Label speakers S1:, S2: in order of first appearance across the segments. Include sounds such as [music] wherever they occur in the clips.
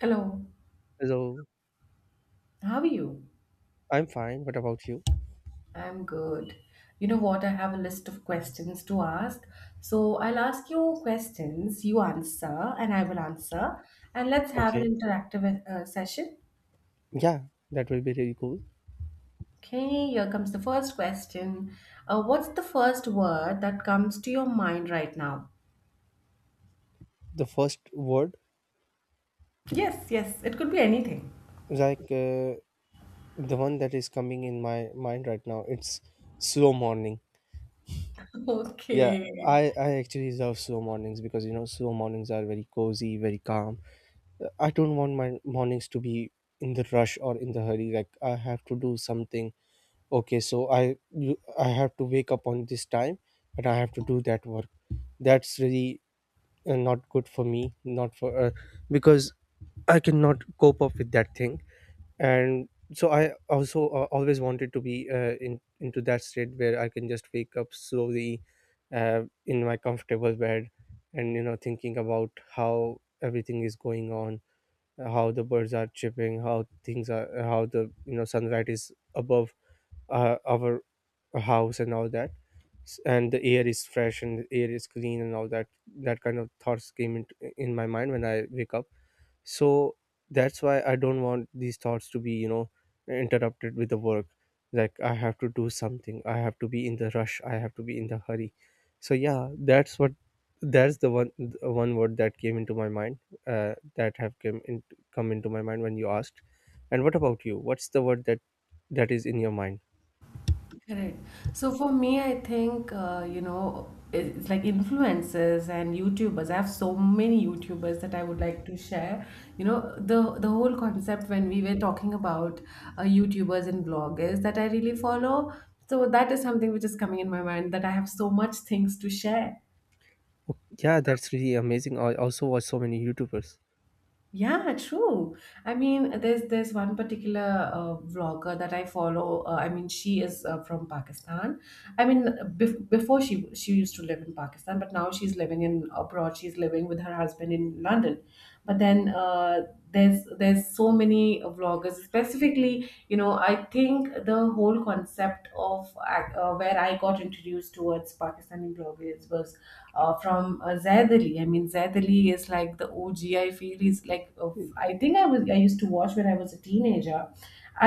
S1: Hello,
S2: So
S1: how are you?
S2: I'm fine. What about you?
S1: I'm good. You know what? I have a list of questions to ask. So I'll ask you questions, you answer, and I will answer. And let's have an
S2: Okay.
S1: interactive session.
S2: Yeah, that will be really cool.
S1: Okay, here comes the first question. What's the first word that comes to your mind right now?
S2: The first word,
S1: Yes, yes, it could be anything.
S2: like uh, the one that is coming in my mind right now, it's slow morning.
S1: [laughs]
S2: Yeah,
S1: Okay.
S2: I actually love slow mornings because you know slow mornings are very cozy, very calm. I don't want my mornings to be in the rush or in the hurry. Like I have to do something. Okay, so I have to wake up on this time, and I have to do that work. That's really and not good for me not for because I cannot cope up with that thing and so I also always wanted to be in into that state where I can just wake up slowly in my comfortable bed, and you know thinking about how everything is going on, how the birds are chirping, how things are, how the you know sunlight is above our house and all that. And the air is fresh and the air is clean and all that. That kind of thoughts in my mind when I wake up. So that's why I don't want these thoughts to be you know interrupted with the work, like I have to do something, I have to be in the rush, I have to be in the hurry. So yeah, that's the one word that came into my mind, that have came in, come into my mind when you asked. And what about you, what's the word that that is in your mind?
S1: Correct. So for me, I think, it's like influencers and YouTubers. I have so many YouTubers that I would like to share. You know, the whole concept when we were talking about YouTubers and bloggers that I really follow. So that is something which is coming in my mind that I have so much things to share.
S2: Yeah, that's really amazing. I also watch so many YouTubers.
S1: Yeah, true. I mean, there's one particular vlogger that I follow. She is from Pakistan. I mean, before she used to live in Pakistan, but now she's living in abroad. She's living with her husband in London. But then there's so many vloggers specifically, you know, I think the whole concept of where I got introduced towards Pakistani bloggers was from Zaid Ali. I mean, Zaid Ali is like the OG, I feel. I think I used to watch when I was a teenager.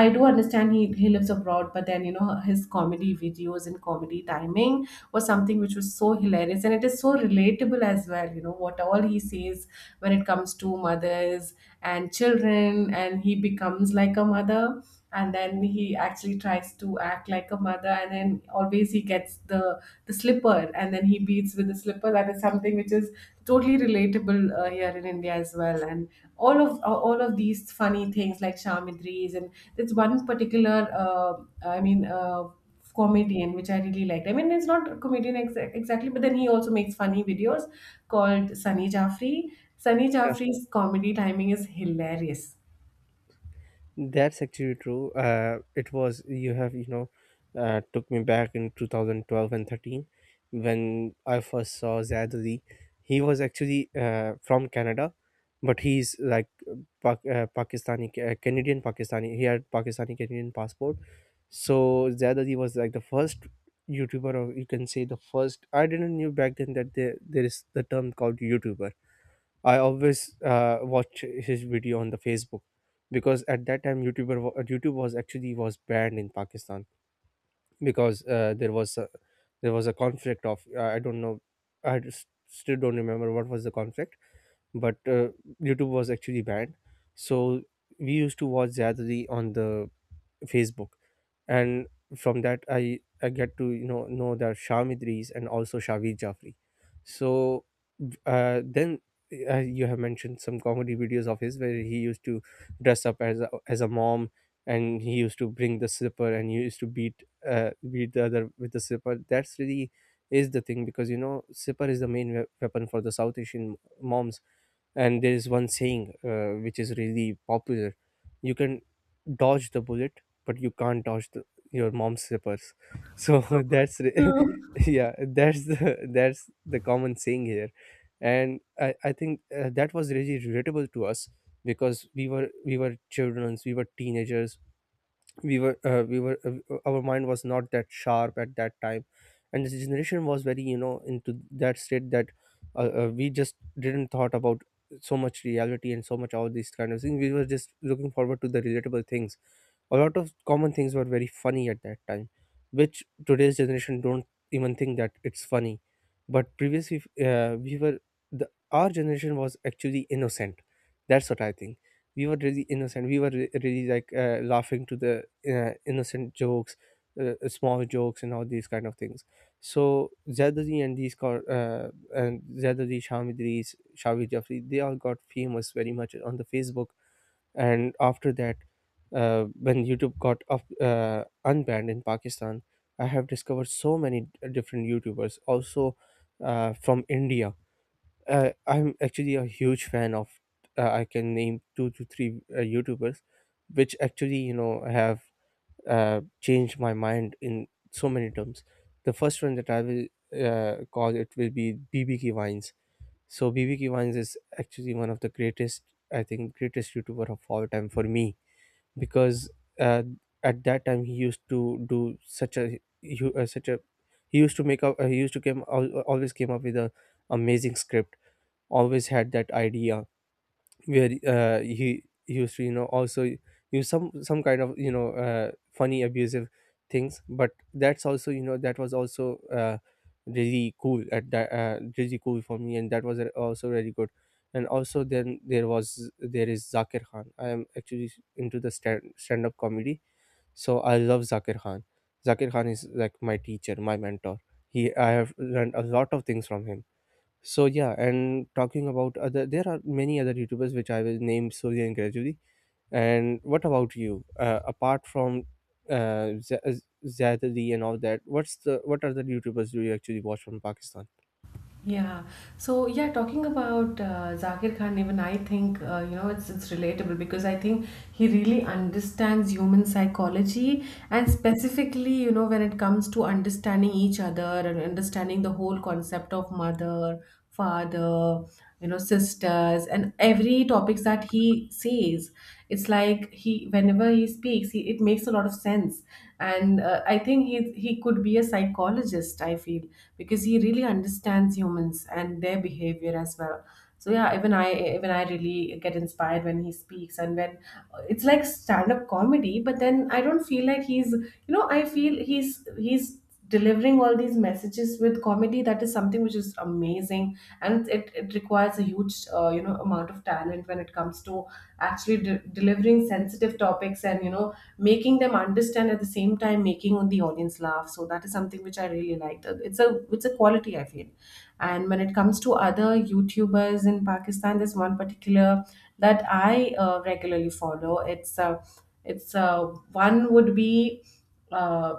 S1: I do understand he lives abroad, but then, you know his comedy videos and comedy timing was something which was so hilarious, and it is so relatable as well. You know what all he says when it comes to mothers and children, and he becomes like a mother, and then he actually tries to act like a mother, and then always he gets the slipper, and then he beats with the slipper. That is something which is totally relatable here in India as well. And all of these funny things like Shamidris. And there's one particular, uh, I mean, uh, comedian which I really liked. I mean, it's not a comedian exactly, but then he also makes funny videos, called Sunny Jaffrey. Sunny
S2: Yeah,
S1: Jaffrey's comedy timing is hilarious.
S2: that's actually true. It was you have you know, took me back in 2012 and 13 when I first saw Zad Ali. He was actually from Canada, but he's like Pakistani, Canadian Pakistani. He had Pakistani Canadian passport. So Zad Ali was like the first YouTuber, or you can say the first. I didn't knew back then that there is the term called YouTuber. I always watch his video on the Facebook, because at that time YouTube was actually was banned in Pakistan, because there was a conflict of I don't know, I just still don't remember what was the conflict, but YouTube was actually banned. So we used to watch Ziyadri on the Facebook, and from that I get to you know that Sham Idris and also Shavi Jafri. So then you have mentioned some comedy videos of his where he used to dress up as a mom, and he used to bring the slipper and he used to beat beat the other with the slipper. That's really is the thing, because you know slipper is the main weapon for the South Asian moms. And there is one saying which is really popular. You can dodge the bullet, but you can't dodge your mom's slippers. So [laughs] [laughs] yeah, that's the common saying here. And I think that was really relatable to us because we were children, we were teenagers, we were our mind was not that sharp at that time. And this generation was very you know into that state that we just didn't thought about so much reality and so much all these kind of things. We were just looking forward to the relatable things. A lot of common things were very funny at that time which today's generation don't even think that it's funny. But previously we were the our generation was actually innocent, that's what I think. We were really innocent, we were really like laughing to the innocent jokes, small jokes and all these kind of things. So Zardari and these car, and Zardari, Shamidris, Shavi Jafri, they all got famous very much on the Facebook. And after that, when YouTube got unbanned in Pakistan, I have discovered so many different YouTubers also, from India. I'm actually a huge fan of I can name two to three YouTubers which actually you know have changed my mind in so many terms. The first one that I will call it will be BBK Vines. So BBK Vines is actually one of the greatest, I think greatest YouTuber of all time for me, because uh, at that time he used to do such a he used to always came up with a amazing script, always had that idea where he used to you know also use some kind of you know funny abusive things. But that's also you know that was also really cool at that, really cool for me, and that was also really good. And also then there is Zakir Khan. I am actually into the stand up comedy, so I love Zakir Khan. Zakir Khan is like my teacher, my mentor. He, I have learned a lot of things from him. So yeah, and talking about other, there are many other YouTubers which I will name slowly and gradually. And what about you? Apart from uh, Z- Z- Zad Ali and all that, what are the YouTubers do you actually watch from Pakistan?
S1: Yeah. So yeah, talking about Zakir Khan, even I think, you know, it's relatable because I think he really understands human psychology, and specifically, you know, when it comes to understanding each other and understanding the whole concept of mother, father, you know, sisters, and every topics that he says, it's like he whenever he speaks it makes a lot of sense. And I think he could be a psychologist, I feel, because he really understands humans and their behavior as well. So yeah, even I really get inspired when he speaks, and when it's like stand up comedy, but then I don't feel like he's, you know, I feel he's delivering all these messages with comedy. That is something which is amazing, and it requires a huge amount of talent when it comes to actually delivering sensitive topics, and, you know, making them understand, at the same time making the audience laugh. So that is something which I really liked. It's a it's a quality, I feel. And when it comes to other YouTubers in Pakistan, there's one particular that I regularly follow. It's One would be uh,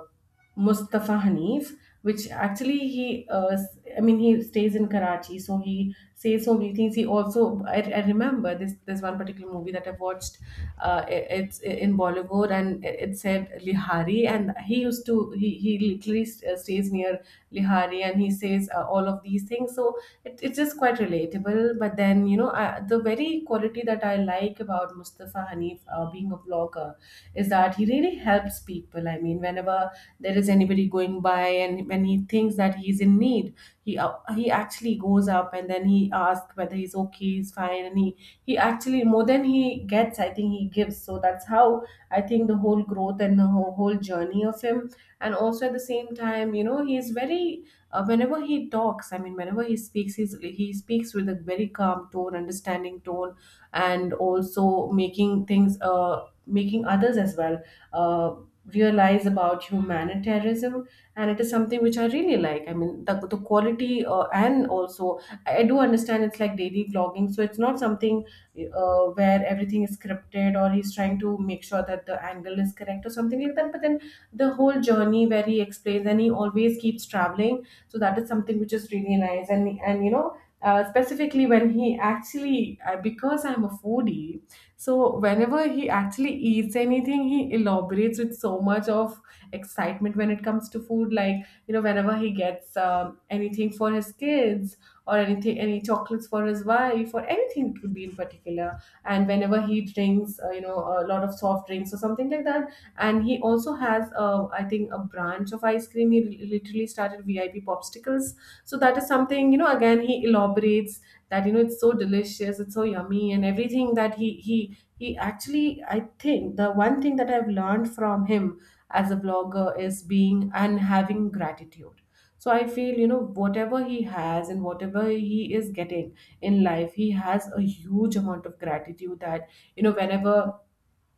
S1: Mustafa Hanif, which actually I mean, he stays in Karachi, so he says so many things. He also I remember this one particular movie that I've watched. It's in Bollywood, and it said Lihari, and he used to he literally stays near Lihari, and he says all of these things. So it's just quite relatable, but then, you know, the very quality that I like about Mustafa Hanif being a vlogger is that he really helps people. I mean, whenever there is anybody going by, and when he thinks that he's in need, he actually goes up, and then he asks whether he's okay, he's fine, and he actually, more than he gets, I think he gives. So that's how I think the whole growth and the whole journey of him. And also at the same time, you know, he's very whenever he talks, I mean, whenever he speaks, he speaks with a very calm tone, understanding tone, and also making things, uh, making others as well uh, realize about humanitarianism. And it is something which I really like. I mean, the quality and also I do understand it's like daily vlogging, so it's not something where everything is scripted or he's trying to make sure that the angle is correct or something like that, but then the whole journey where he explains, and he always keeps traveling. So that is something which is really nice. And, you know, specifically when he actually because I'm a foodie, so whenever he actually eats anything, he elaborates with so much of excitement when it comes to food. Like, you know, whenever he gets anything for his kids or anything, any chocolates for his wife, or anything it could be in particular. And whenever he drinks, a lot of soft drinks or something like that. And he also has, I think, a branch of ice cream. Literally started VIP popsicles. So that is something, you know. Again, he elaborates that, you know, it's so delicious, it's so yummy, and everything that he actually, I think the one thing that I've learned from him as a vlogger is being and having gratitude. So I feel, you know, whatever he has and whatever he is getting in life, he has a huge amount of gratitude. That, you know,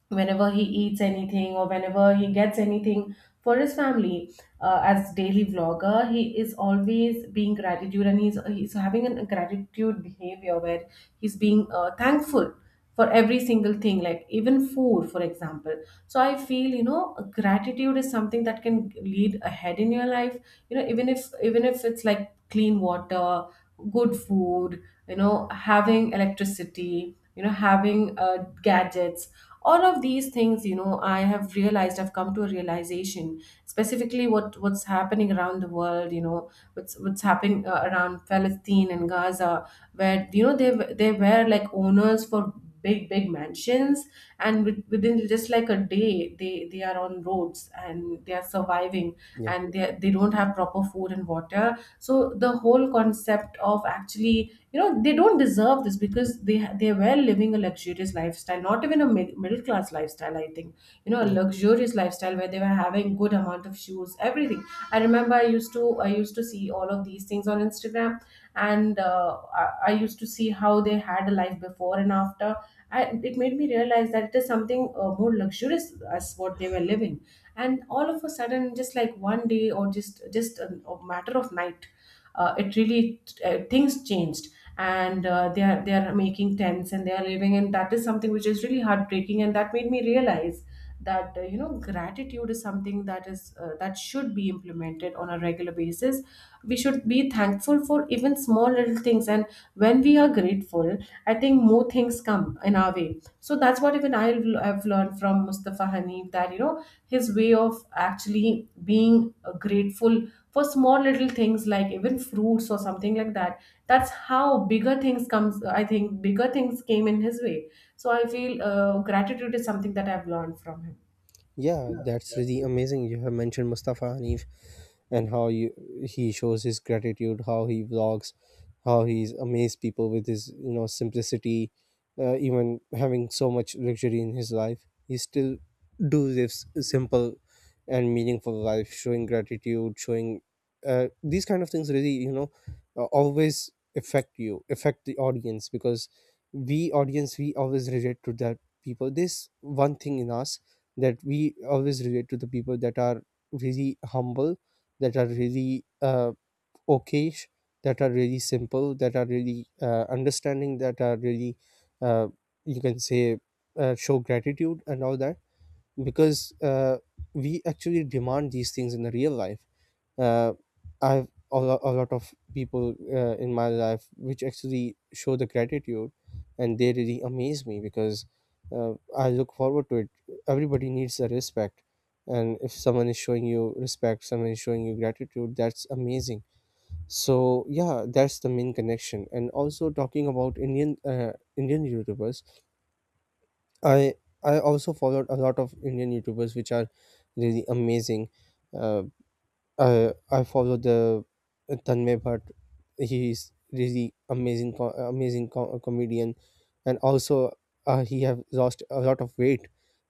S1: whenever he eats anything or whenever he gets anything for his family, as daily vlogger, he is always being gratitude, and he's having a gratitude behavior where he's being thankful for every single thing, like even food for example. So I feel, you know, gratitude is something that can lead ahead in your life. You know, even if it's like clean water, good food, you know, having electricity, you know, having gadgets, all of these things. You know, I have realized, I've come to a realization specifically what what's happening around the world, you know, what's happening around Palestine and Gaza, where, you know, they were like owners for big big mansions, and within just like a day, they are on roads and they are surviving,
S2: Yeah,
S1: and they don't have proper food and water. So the whole concept of actually, you know, they don't deserve this, because they were living a luxurious lifestyle, not even a middle class lifestyle, I think. You know, a
S2: yeah.
S1: luxurious lifestyle where they were having good amount of shoes, everything. I remember I used to see all of these things on Instagram. And I used to see how they had a life before and after. It made me realize that it is something more luxurious as what they were living, and all of a sudden, just like one day, or just a matter of night, it really things changed, and they are making tents and they are living, and that is something which is really heartbreaking, and that made me realize that, you know, gratitude is something that is that should be implemented on a regular basis. We should be thankful for even small little things, and when we are grateful, I think more things come in our way. So that's what even I have learned from Mustafa Hanif, that, you know, his way of actually being grateful for small little things like even fruits or something like that, that's how bigger things comes. I think bigger things came in his way. So I feel gratitude is something that I've learned from him.
S2: Yeah, that's really amazing. You have mentioned Mustafa Hanif and he shows his gratitude, how he vlogs, how he's amazed people with his you know simplicity, even having so much luxury in his life. He still do this simple and meaningful life, showing gratitude, showing these kind of things. Really, you know, always affect you, affect the audience, because we audience we always relate to that people. This one thing in us, that we always relate to the people that are really humble, that are really okay, that are really simple, that are really understanding, that are really uh, you can say show gratitude and all that. Because we actually demand these things in the real life. uh, I've a a lot of people in my life which actually show the gratitude, and they really amaze me because I look forward to it. Everybody needs the respect, and if someone is showing you respect, someone is showing you gratitude, that's amazing. So yeah, that's the main connection. And also talking about Indian Indian YouTubers, I I also followed a lot of Indian YouTubers which are really amazing. Uh, I follow the Tanmay Bhatt. He is really amazing, amazing comedian, and also he have lost a lot of weight.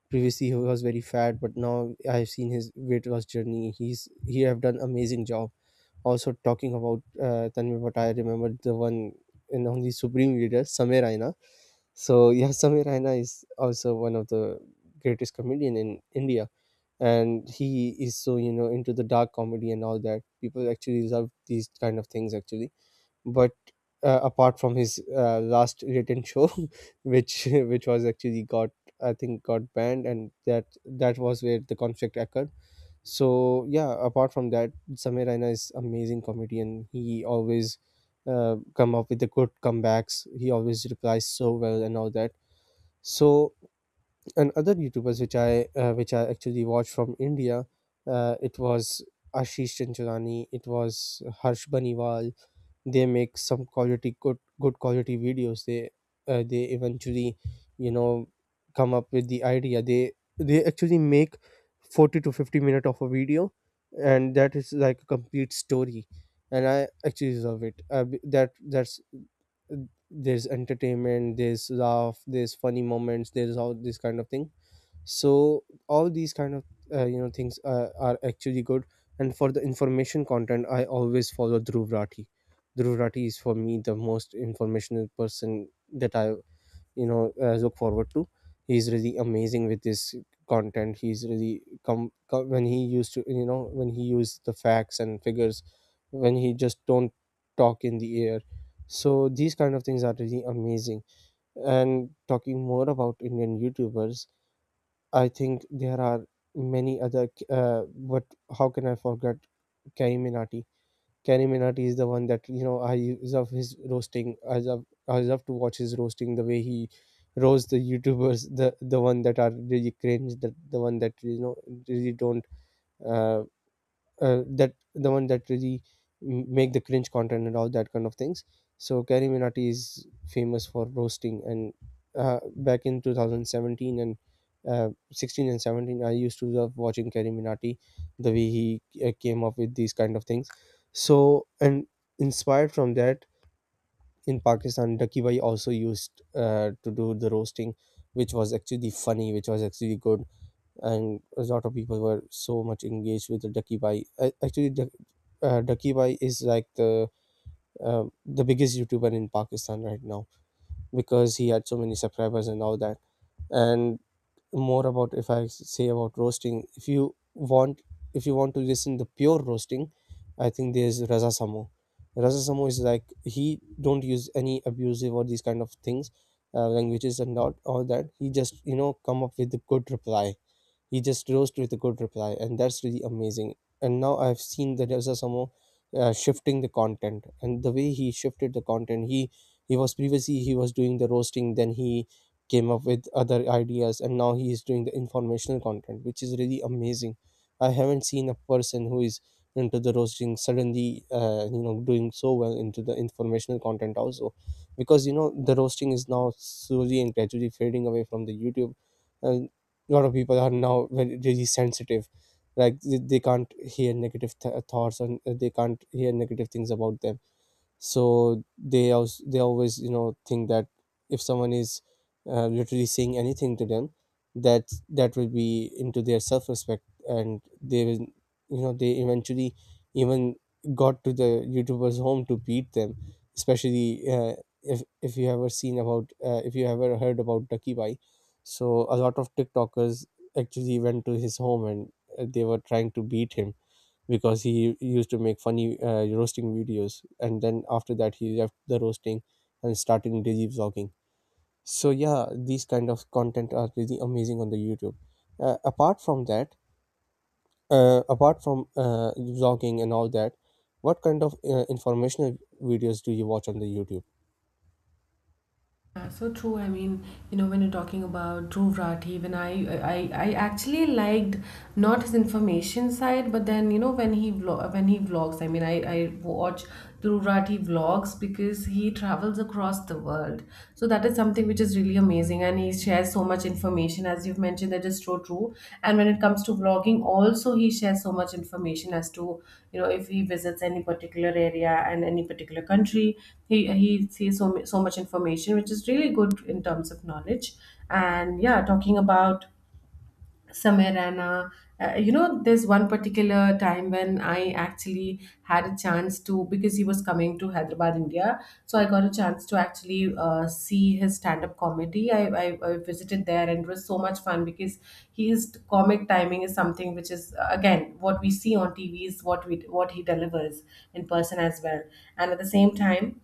S2: Previously, he was very fat, but now I've seen his weight loss journey. He have done amazing job. Also, talking about Tanmay Bhatt, I remember the one in on the Supreme Leader, Samir Raina. So yeah, [laughs] Samir Raina is also one of the greatest comedian in India, and he is so you know into the dark comedy and all that. People actually love these kind of things actually. But apart from his last written show, [laughs] which [laughs] which was actually got, I think got banned, and that that was where the conflict occurred. So yeah, apart from that, Samir Raina is amazing comedian. He always come up with the good comebacks, he always replies so well and all that. So, and other YouTubers which I actually watched from India, it was Ashish Chanchurani, it was Harsh Baniwal. They make some quality good good quality videos. They eventually, you know, come up with the idea. They actually make 40 to 50 minute of a video, and that is like a complete story. And I actually love it. That that's, there's entertainment, there's laugh, there's funny moments, there's all this kind of thing. So all these kind of things are actually good. And for the information content, I always follow Dhruv Rathi. Dhruv Rathi is for me the most informational person that I you know look forward to. He's really amazing with this content. He's really come, when he used to you know, when he used the facts and figures, when he just don't talk in the air. So these kind of things are really amazing. And talking more about Indian YouTubers, I think there are many other. But how can I forget Kari Minati? Kari Minati is the one that you know. I love his roasting. I love to watch his roasting. The way he roasts the YouTubers, the one that are really cringe, the one that you know really don't uh, that the one that really make the cringe content and all that kind of things. So Carrie Minati is famous for roasting, and back in 2017 and 16 and 17, I used to love watching Carrie Minati, the way he came up with these kind of things. So and inspired from that in Pakistan, Ducky Bhai also used to do the roasting, which was actually funny, which was actually good, and a lot of people were so much engaged with the Ducky bai Actually, Ducky bai is like the biggest YouTuber in Pakistan right now, because he had so many subscribers and all that. And more about, if I say about roasting, if you want, if you want to listen the pure roasting, I think there's Raza Samo. Raza Samo is like, he don't use any abusive or these kind of things, languages and not all that. He just, you know, come up with a good reply. He just rose with a good reply, and that's really amazing. And now I've seen that there's some more, shifting the content, and the way he shifted the content, he was previously he was doing the roasting, then he came up with other ideas, and now he is doing the informational content, which is really amazing. I haven't seen a person who is into the roasting suddenly, you know, doing so well into the informational content also, because you know the roasting is now slowly and gradually fading away from the YouTube. uh, a lot of people are now very really sensitive, like they can't hear negative thoughts, and they can't hear negative things about them. So they also, they always, you know, think that if someone is literally saying anything to them, that that will be into their self-respect, and they will, you know, they eventually even got to the YouTuber's home to beat them, especially if you ever seen about if you ever heard about Ducky bai so a lot of TikTokers actually went to his home, and they were trying to beat him because he used to make funny roasting videos, and then after that he left the roasting and started digi vlogging. So yeah, these kind of content are really amazing on the YouTube. Apart from that, apart from vlogging and all that, what kind of informational videos do you watch on the YouTube?
S1: Yeah, so true. I mean, you know, when you're talking about Dhruv Rathi, I actually liked not his information side, but then, you know, when he vlog, when he vlogs. I mean, I watch Dhruv Rathi vlogs because he travels across the world. So that is something which is really amazing, and he shares so much information as you've mentioned. That is so true, and when it comes to vlogging also, he shares so much information as to, you know, if he visits any particular area and any particular country, he sees so, so much information which is really good in terms of knowledge. And yeah, talking about somewhere and you know, there's one particular time when I actually had a chance to, because he was coming to Hyderabad, India. So I got a chance to actually see his stand-up comedy. I visited there and it was so much fun because his comic timing is something which is, again, what we see on TV is what we what he delivers in person as well. And at the same time,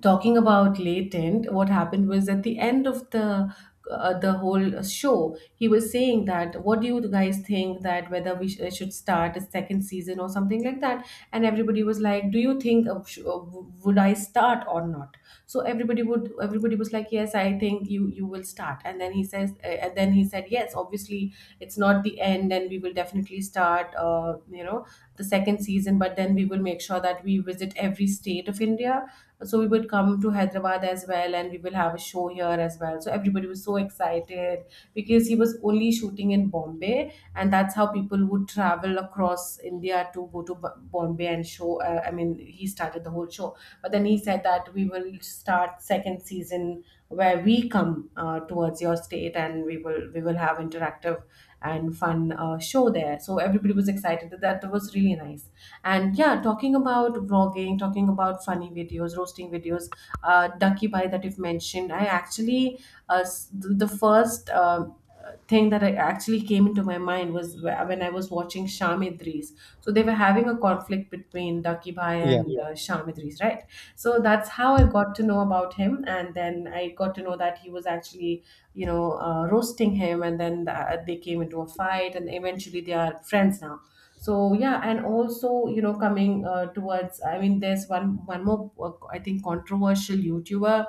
S1: talking about Latent, what happened was at the end of the whole show, he was saying that what do you guys think, that whether should start a second season or something like that. And everybody was like, do you think would I start or not? So everybody was like, yes, I think you will start. And then he said, yes, obviously it's not the end and we will definitely start, you know, the second season, but then we will make sure that we visit every state of India. So we would come to Hyderabad as well, and we will have a show here as well. So everybody was so excited because he was only shooting in Bombay, and that's how people would travel across India to go to Bombay and show. I mean, he started the whole show, but then he said that we will start second season where we come, towards your state, and we will have interactive and fun show there. So everybody was excited. That was really nice. And yeah, talking about vlogging, talking about funny videos, roasting videos, Ducky Bhai that you've mentioned, I actually, the first thing that I actually came into my mind was when I was watching Sham Idris. So they were having a conflict between Ducky Bhai
S2: Yeah,
S1: and. Yeah. Sham Idris, right? So that's how I got to know about him. And then I got to know that he was actually, you know, roasting him. And then they came into a fight and eventually they are friends now. So yeah, and also, you know, coming, towards, I mean, there's one more, I think, controversial YouTuber,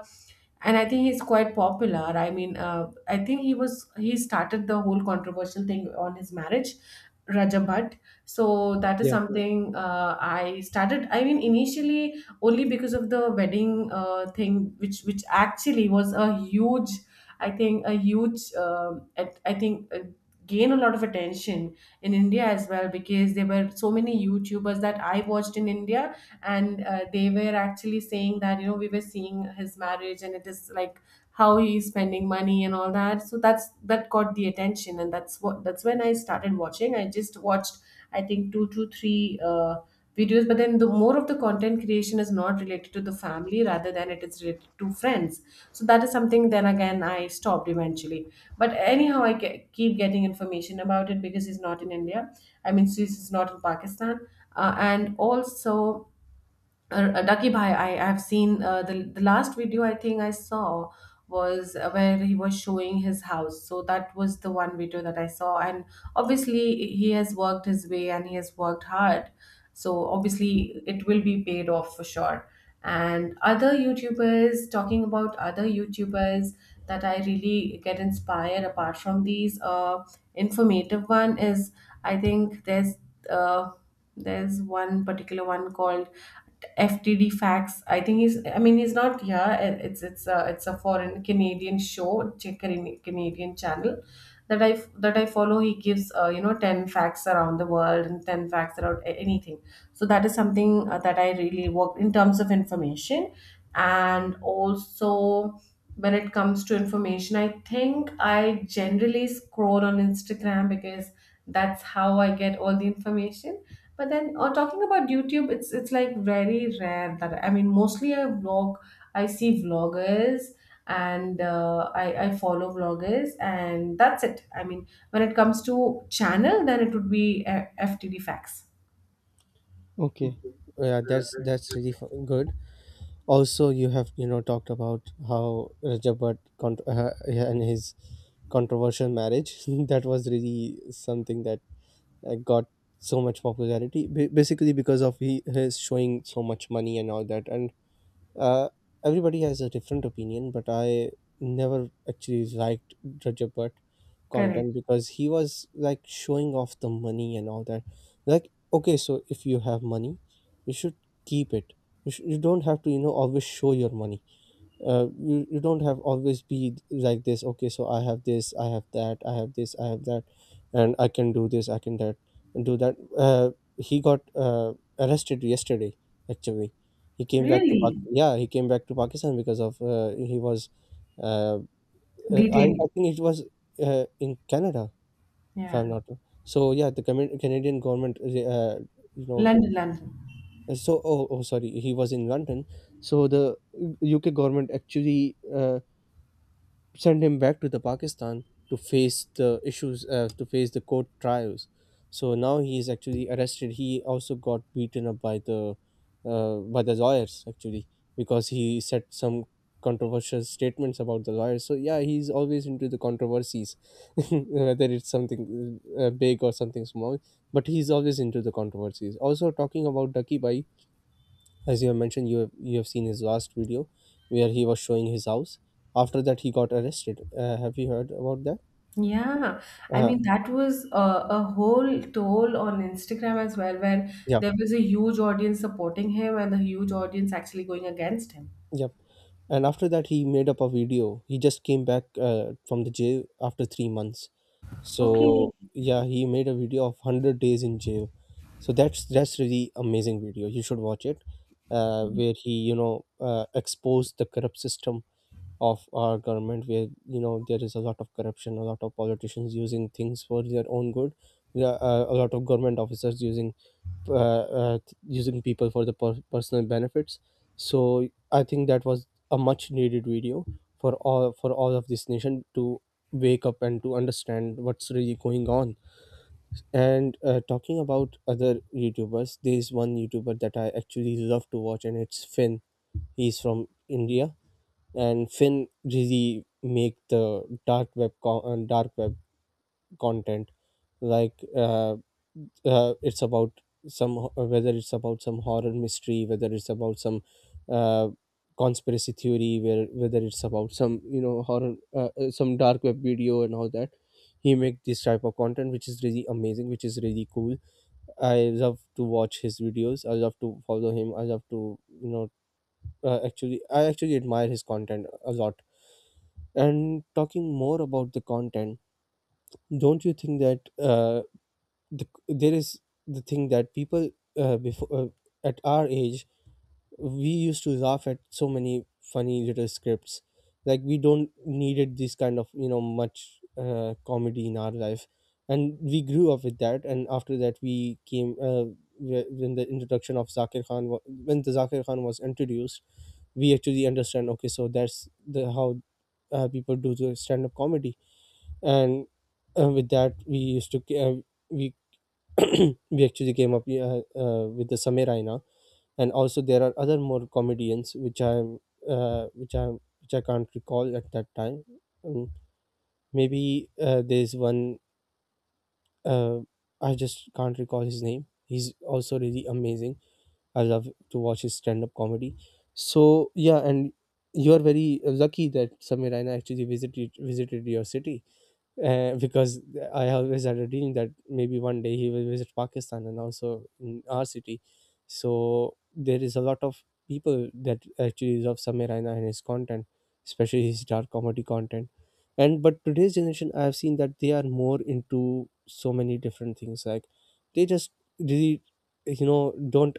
S1: and I think he's quite popular. I mean, I think he started the whole controversial thing on his marriage, Raja Bhatt. So that is
S2: yeah.
S1: something I started, I mean, initially, only because of the wedding, thing, which actually was a huge, I think a huge, I think, gain a lot of attention in India as well, because there were so many YouTubers that I watched in India. And they were actually saying that, you know, we were seeing his marriage and it is like how he's spending money and all that. So that's, that got the attention, and that's what, that's when I started watching. I just watched, I think two to three videos, but then the more of the content creation is not related to the family, rather than it is related to friends. So that is something, then again I stopped eventually. But anyhow, I keep getting information about it because he's not in India, I mean, he's not in Pakistan. And also, Ducky Bhai, I have seen, the last video I think I saw was where he was showing his house. So that was the one video that I saw. And obviously, he has worked his way and he has worked hard. So obviously, it will be paid off for sure. And other YouTubers, talking about other YouTubers that I really get inspired apart from these, informative one, is, I think there's, uh, there's one particular one called FTD Facts. I think he's, I mean, he's not here. It's a, it's a foreign Canadian show, Canadian channel that I, follow. He gives, you know, 10 facts around the world and 10 facts around anything. So that is something, that I really work in terms of information. And also, when it comes to information, I think I generally scroll on Instagram because that's how I get all the information. But then, talking about YouTube, it's like very rare that, I mean, mostly I vlog, I see vloggers. And I follow vloggers, and that's it. I mean, when it comes to channel, then it would be, FTD Facts.
S2: Okay, yeah, that's really good. Also, you have, you know, talked about how Rajab Bhatt yeah, and his controversial marriage [laughs] that was really something that got so much popularity, basically because of he his showing so much money and all that. And uh, everybody has a different opinion, but I never actually liked Roger Butt
S1: Correct.
S2: content because he was like showing off the money and all that. Like, okay, so if you have money, you should keep it. You don't have to, you know, always show your money. You, you don't have always be like this. Okay, so I have this, I have that, I have this, I have that, and I can do this, I can that, and do that. He got arrested yesterday, actually. He came back to
S1: Really?
S2: yeah, he came back to Pakistan because of he was uh, I
S1: Detained.
S2: think it was in Canada, if I'm
S1: Yeah.
S2: not wrong. So yeah, the Canadian government you know,
S1: London, London.
S2: so oh, oh sorry, he was in London. So the UK government actually send him back to the Pakistan to face the issues, to face the court trials. So now he is actually arrested. He also got beaten up by the lawyers, actually, because he said some controversial statements about the lawyers. So yeah, he's always into the controversies, [laughs] whether it's something big or something small. But he's always into the controversies. Also, talking about Ducky Bai, as you have mentioned, you have seen his last video where he was showing his house. After that, he got arrested. Have you heard about that?
S1: Yeah, I
S2: uh,
S1: mean that was a whole toll on Instagram as well, where
S2: yeah,
S1: there was a huge audience supporting him and a huge audience actually going against him.
S2: yep. And after that, he made up a video. He just came back from the jail after 3 months.
S1: Okay.
S2: So yeah, he made a video of 100 days in jail. So that's really amazing video, you should watch it. Where he, you know, exposed the corrupt system of our government, where you know there is a lot of corruption, a lot of politicians using things for their own good. Yeah, a lot of government officers using using people for the personal benefits. So I think that was a much needed video for all, for all of this nation to wake up and to understand what's really going on. And talking about other YouTubers, there is one YouTuber that I actually love to watch, and it's Finn. He's from India, and Finn really make the dark web dark web content. Like it's about whether it's about some horror mystery, whether it's about some uh, conspiracy theory, where whether it's about some, you know, horror some dark web video and all that. He make this type of content, which is really amazing, which is really cool. I love to watch his videos. I love to follow him. I love to, you know, I actually admire his content a lot. And talking more about the content, don't you think that there is the thing that people before, at our age, we used to laugh at so many funny little scripts, like we don't needed this kind of, you know, much comedy in our life, and we grew up with that. And after that, we came when the introduction of Zakir Khan when the Zakir Khan was introduced, we actually understand. Okay, so that's the how people do the stand up comedy. And with that we used to ca- we [coughs] [clears throat] we actually came up with the Samir Raina, and also there are other more comedians which I uh, which I which I can't recall at that time. Um, Maybe there's one uh, I just can't recall his name. He's also really amazing. I love to watch his stand up comedy. So yeah, and you are very lucky that Samir Raina actually visited your city, because I always had a dream that maybe one day he will visit Pakistan and also in our city. So there is a lot of people that actually love Samir Raina and his content, especially his dark comedy content. And but today's generation, I have seen that they are more into so many different things. Like, they just really, you know, don't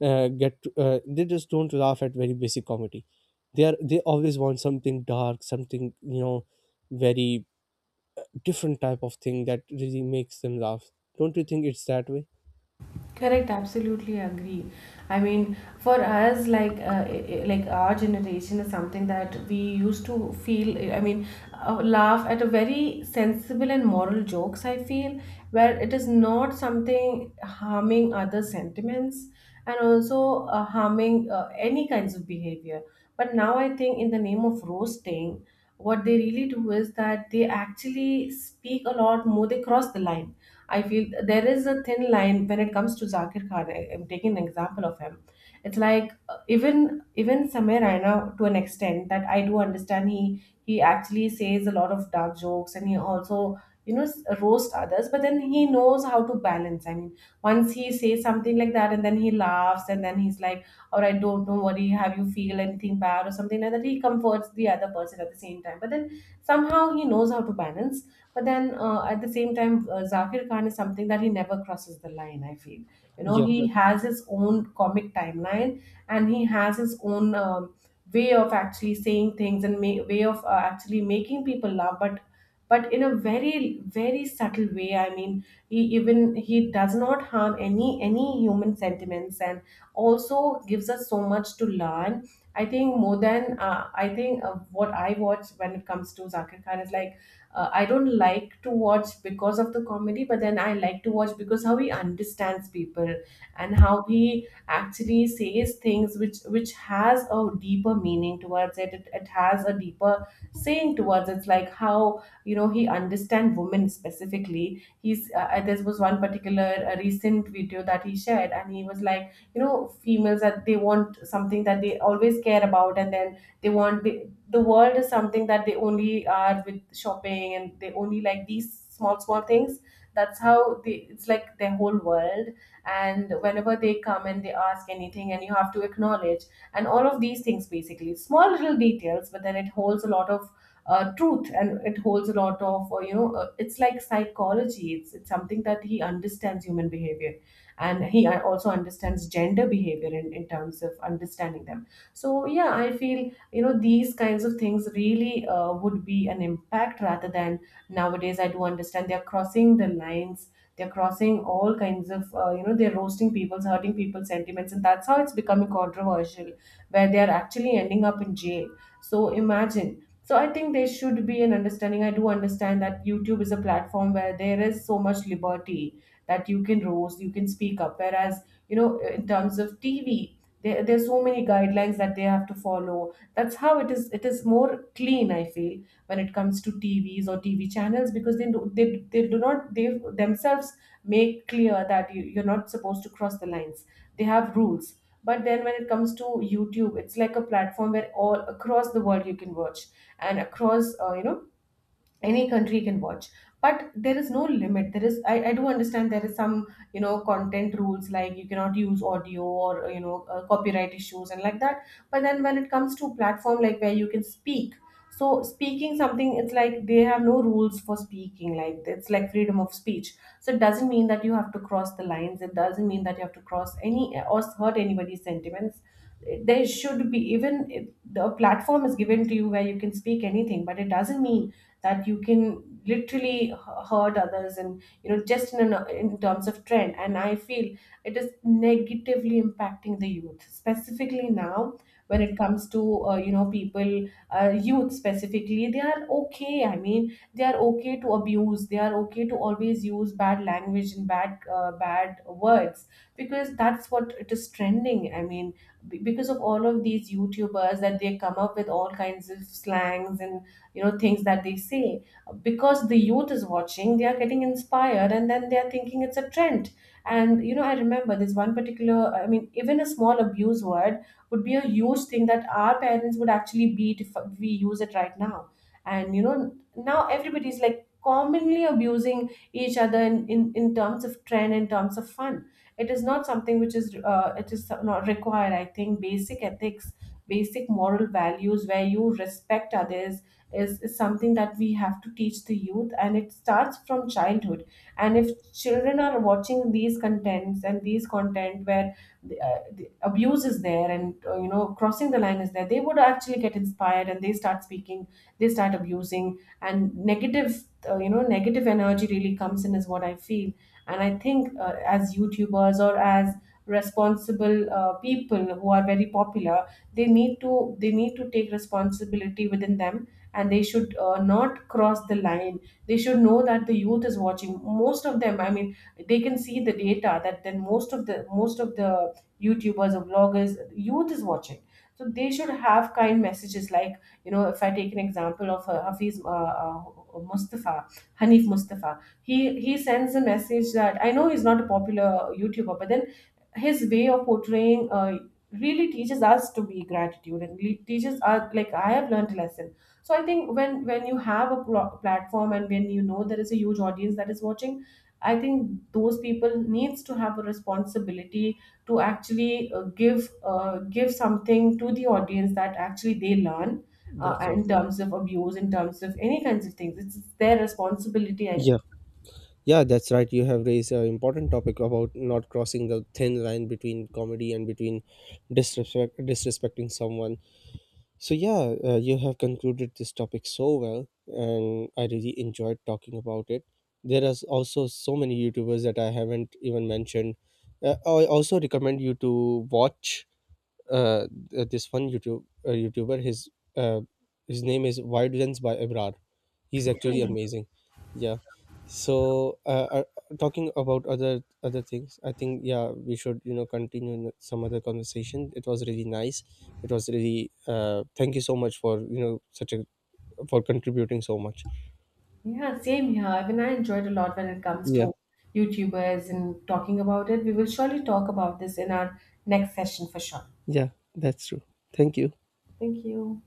S2: they just don't laugh at very basic comedy. They always want something dark, something, you know, very different type of thing that really makes them laugh. Don't you think it's that way?
S1: Correct, absolutely agree. I mean, for us, like, like our generation is something that we used to feel. I mean, laugh at a very sensible and moral jokes, I feel, where it is not something harming other sentiments, and also harming, any kinds of behavior. But now I think in the name of roasting, what they really do is that they actually speak a lot more. They cross the line, I feel. There is a thin line when it comes to Zakir Khan. I am taking an example of him. It's like, even Samir Raina, to an extent that I do understand. He actually says a lot of dark jokes, and he also, you know, roast others. But then he knows how to balance. I mean, once he says something like that, and then he laughs, and then he's like, "All right, don't worry. Have you feel anything bad or something like that?" He comforts the other person at the same time. But then somehow he knows how to balance. But then, at the same time, Zakir Khan is something that he never crosses the line, I feel. You know,
S2: Yeah,
S1: he has his own comic timeline, and he has his own, way of actually saying things, and way of, actually making people laugh. But in a very, very subtle way. I mean, he does not harm any human sentiments, and also gives us so much to learn. I think more than, I think what I watch when it comes to Zakir Khan is like, I don't like to watch because of the comedy, but then I like to watch because how he understands people, and how he actually says things which has a deeper meaning towards it. It has a deeper saying towards it. It's like, how, you know, he understand women specifically. He's, there was one particular recent video that he shared, and he was like, you know, females that they want something that they always care about, and then they want the world is something that they only are with shopping, and they only like these small, small things. That's how they, it's like their whole world. And whenever they come and they ask anything, and you have to acknowledge, and all of these things, basically small little details, but then it holds a lot of, truth, and it holds a lot of, you know, it's like psychology. It's something that he understands human behavior, and he, also understands gender behavior in terms of understanding them. So yeah, I feel, you know, these kinds of things really, would be an impact. Rather than nowadays, I do understand they're crossing the lines, they're crossing all kinds of, you know, they're roasting people's, hurting people's sentiments, and that's how it's becoming controversial, where they're actually ending up in jail. So imagine. So I think there should be an understanding. I do understand that YouTube is a platform where there is so much liberty that you can roast, you can speak up. Whereas, you know, in terms of TV, there, there's so many guidelines that they have to follow. That's how it is. It is more clean, I feel, when it comes to TVs or TV channels, because they do not, they themselves make clear that you, you're not supposed to cross the lines. They have rules. But then when it comes to YouTube, it's like a platform where all across the world you can watch, and across, you know, any country can watch. But there is no limit. There is, I do understand there is some, you know, content rules, like you cannot use audio, or you know, copyright issues and like that. But then when it comes to platform like where you can speak, so speaking something, it's like they have no rules for speaking, like, it's like freedom of speech. So it doesn't mean that you have to cross the lines, it doesn't mean that you have to cross any or hurt anybody's sentiments. There should be, even if the platform is given to you where you can speak anything, but it doesn't mean that you can literally hurt others, and you know, just in, an, in terms of trend. And I feel it is negatively impacting the youth specifically now, when it comes to, you know, people, youth specifically, they are okay, I mean, they are okay to abuse, they are okay to always use bad language, and bad, bad words, because that's what it is trending, I mean, because of all of these YouTubers that they come up with all kinds of slangs, and you know, things that they say, because the youth is watching, they are getting inspired, and then they are thinking it's a trend. And you know, I remember this one particular, I mean, even a small abuse word would be a huge thing that our parents would actually beat if we use it right now. And you know, now everybody's like commonly abusing each other, in terms of trend, in terms of fun. It is not something which is, it is not required. I think basic ethics, basic moral values where you respect others, is something that we have to teach the youth, and it starts from childhood. And if children are watching these contents, and these content where the abuse is there, and you know, crossing the line is there, they would actually get inspired, and they start speaking, they start abusing, and negative, you know, negative energy really comes in, is what I feel. And I think, as YouTubers, or as responsible, people who are very popular, they need to take responsibility within them, and they should, not cross the line. They should know that the youth is watching. Most of them, I mean, they can see the data that, then most of the, YouTubers or vloggers, youth is watching. So they should have kind messages. Like, you know, if I take an example of, hafiz mustafa Hanif Mustafa, he sends a message that, I know he's not a popular YouTuber, but then his way of portraying, really teaches us to be gratitude, and really teaches us, like, I have learned a lesson. So I think, when you have a platform, and when, you know, there is a huge audience that is watching, I think those people needs to have a responsibility to actually, give something to the audience that actually they learn.
S2: that's right.
S1: In terms of abuse, in terms of any kinds of things, it's their responsibility, I
S2: Yeah,
S1: feel.
S2: yeah, that's right. You have raised an important topic about not crossing the thin line between comedy and between disrespect, disrespecting someone. So yeah, you have concluded this topic so well, and I really enjoyed talking about it. There are also so many YouTubers that I haven't even mentioned. I also recommend you to watch this one YouTube YouTuber. Uh, his name is Wide Lens by Abrar. He's actually
S1: Same.
S2: amazing. Yeah. So talking about other things, I think yeah we should, you know, continue in some other conversation. It was really nice. It was really thank you so much for, you know, such a, for contributing so much.
S1: Yeah, same here. Even I enjoyed a lot when it comes
S2: Yeah.
S1: to YouTubers and talking about it. We will surely talk about this in our next session for sure.
S2: Yeah. That's true. Thank you.
S1: Thank you.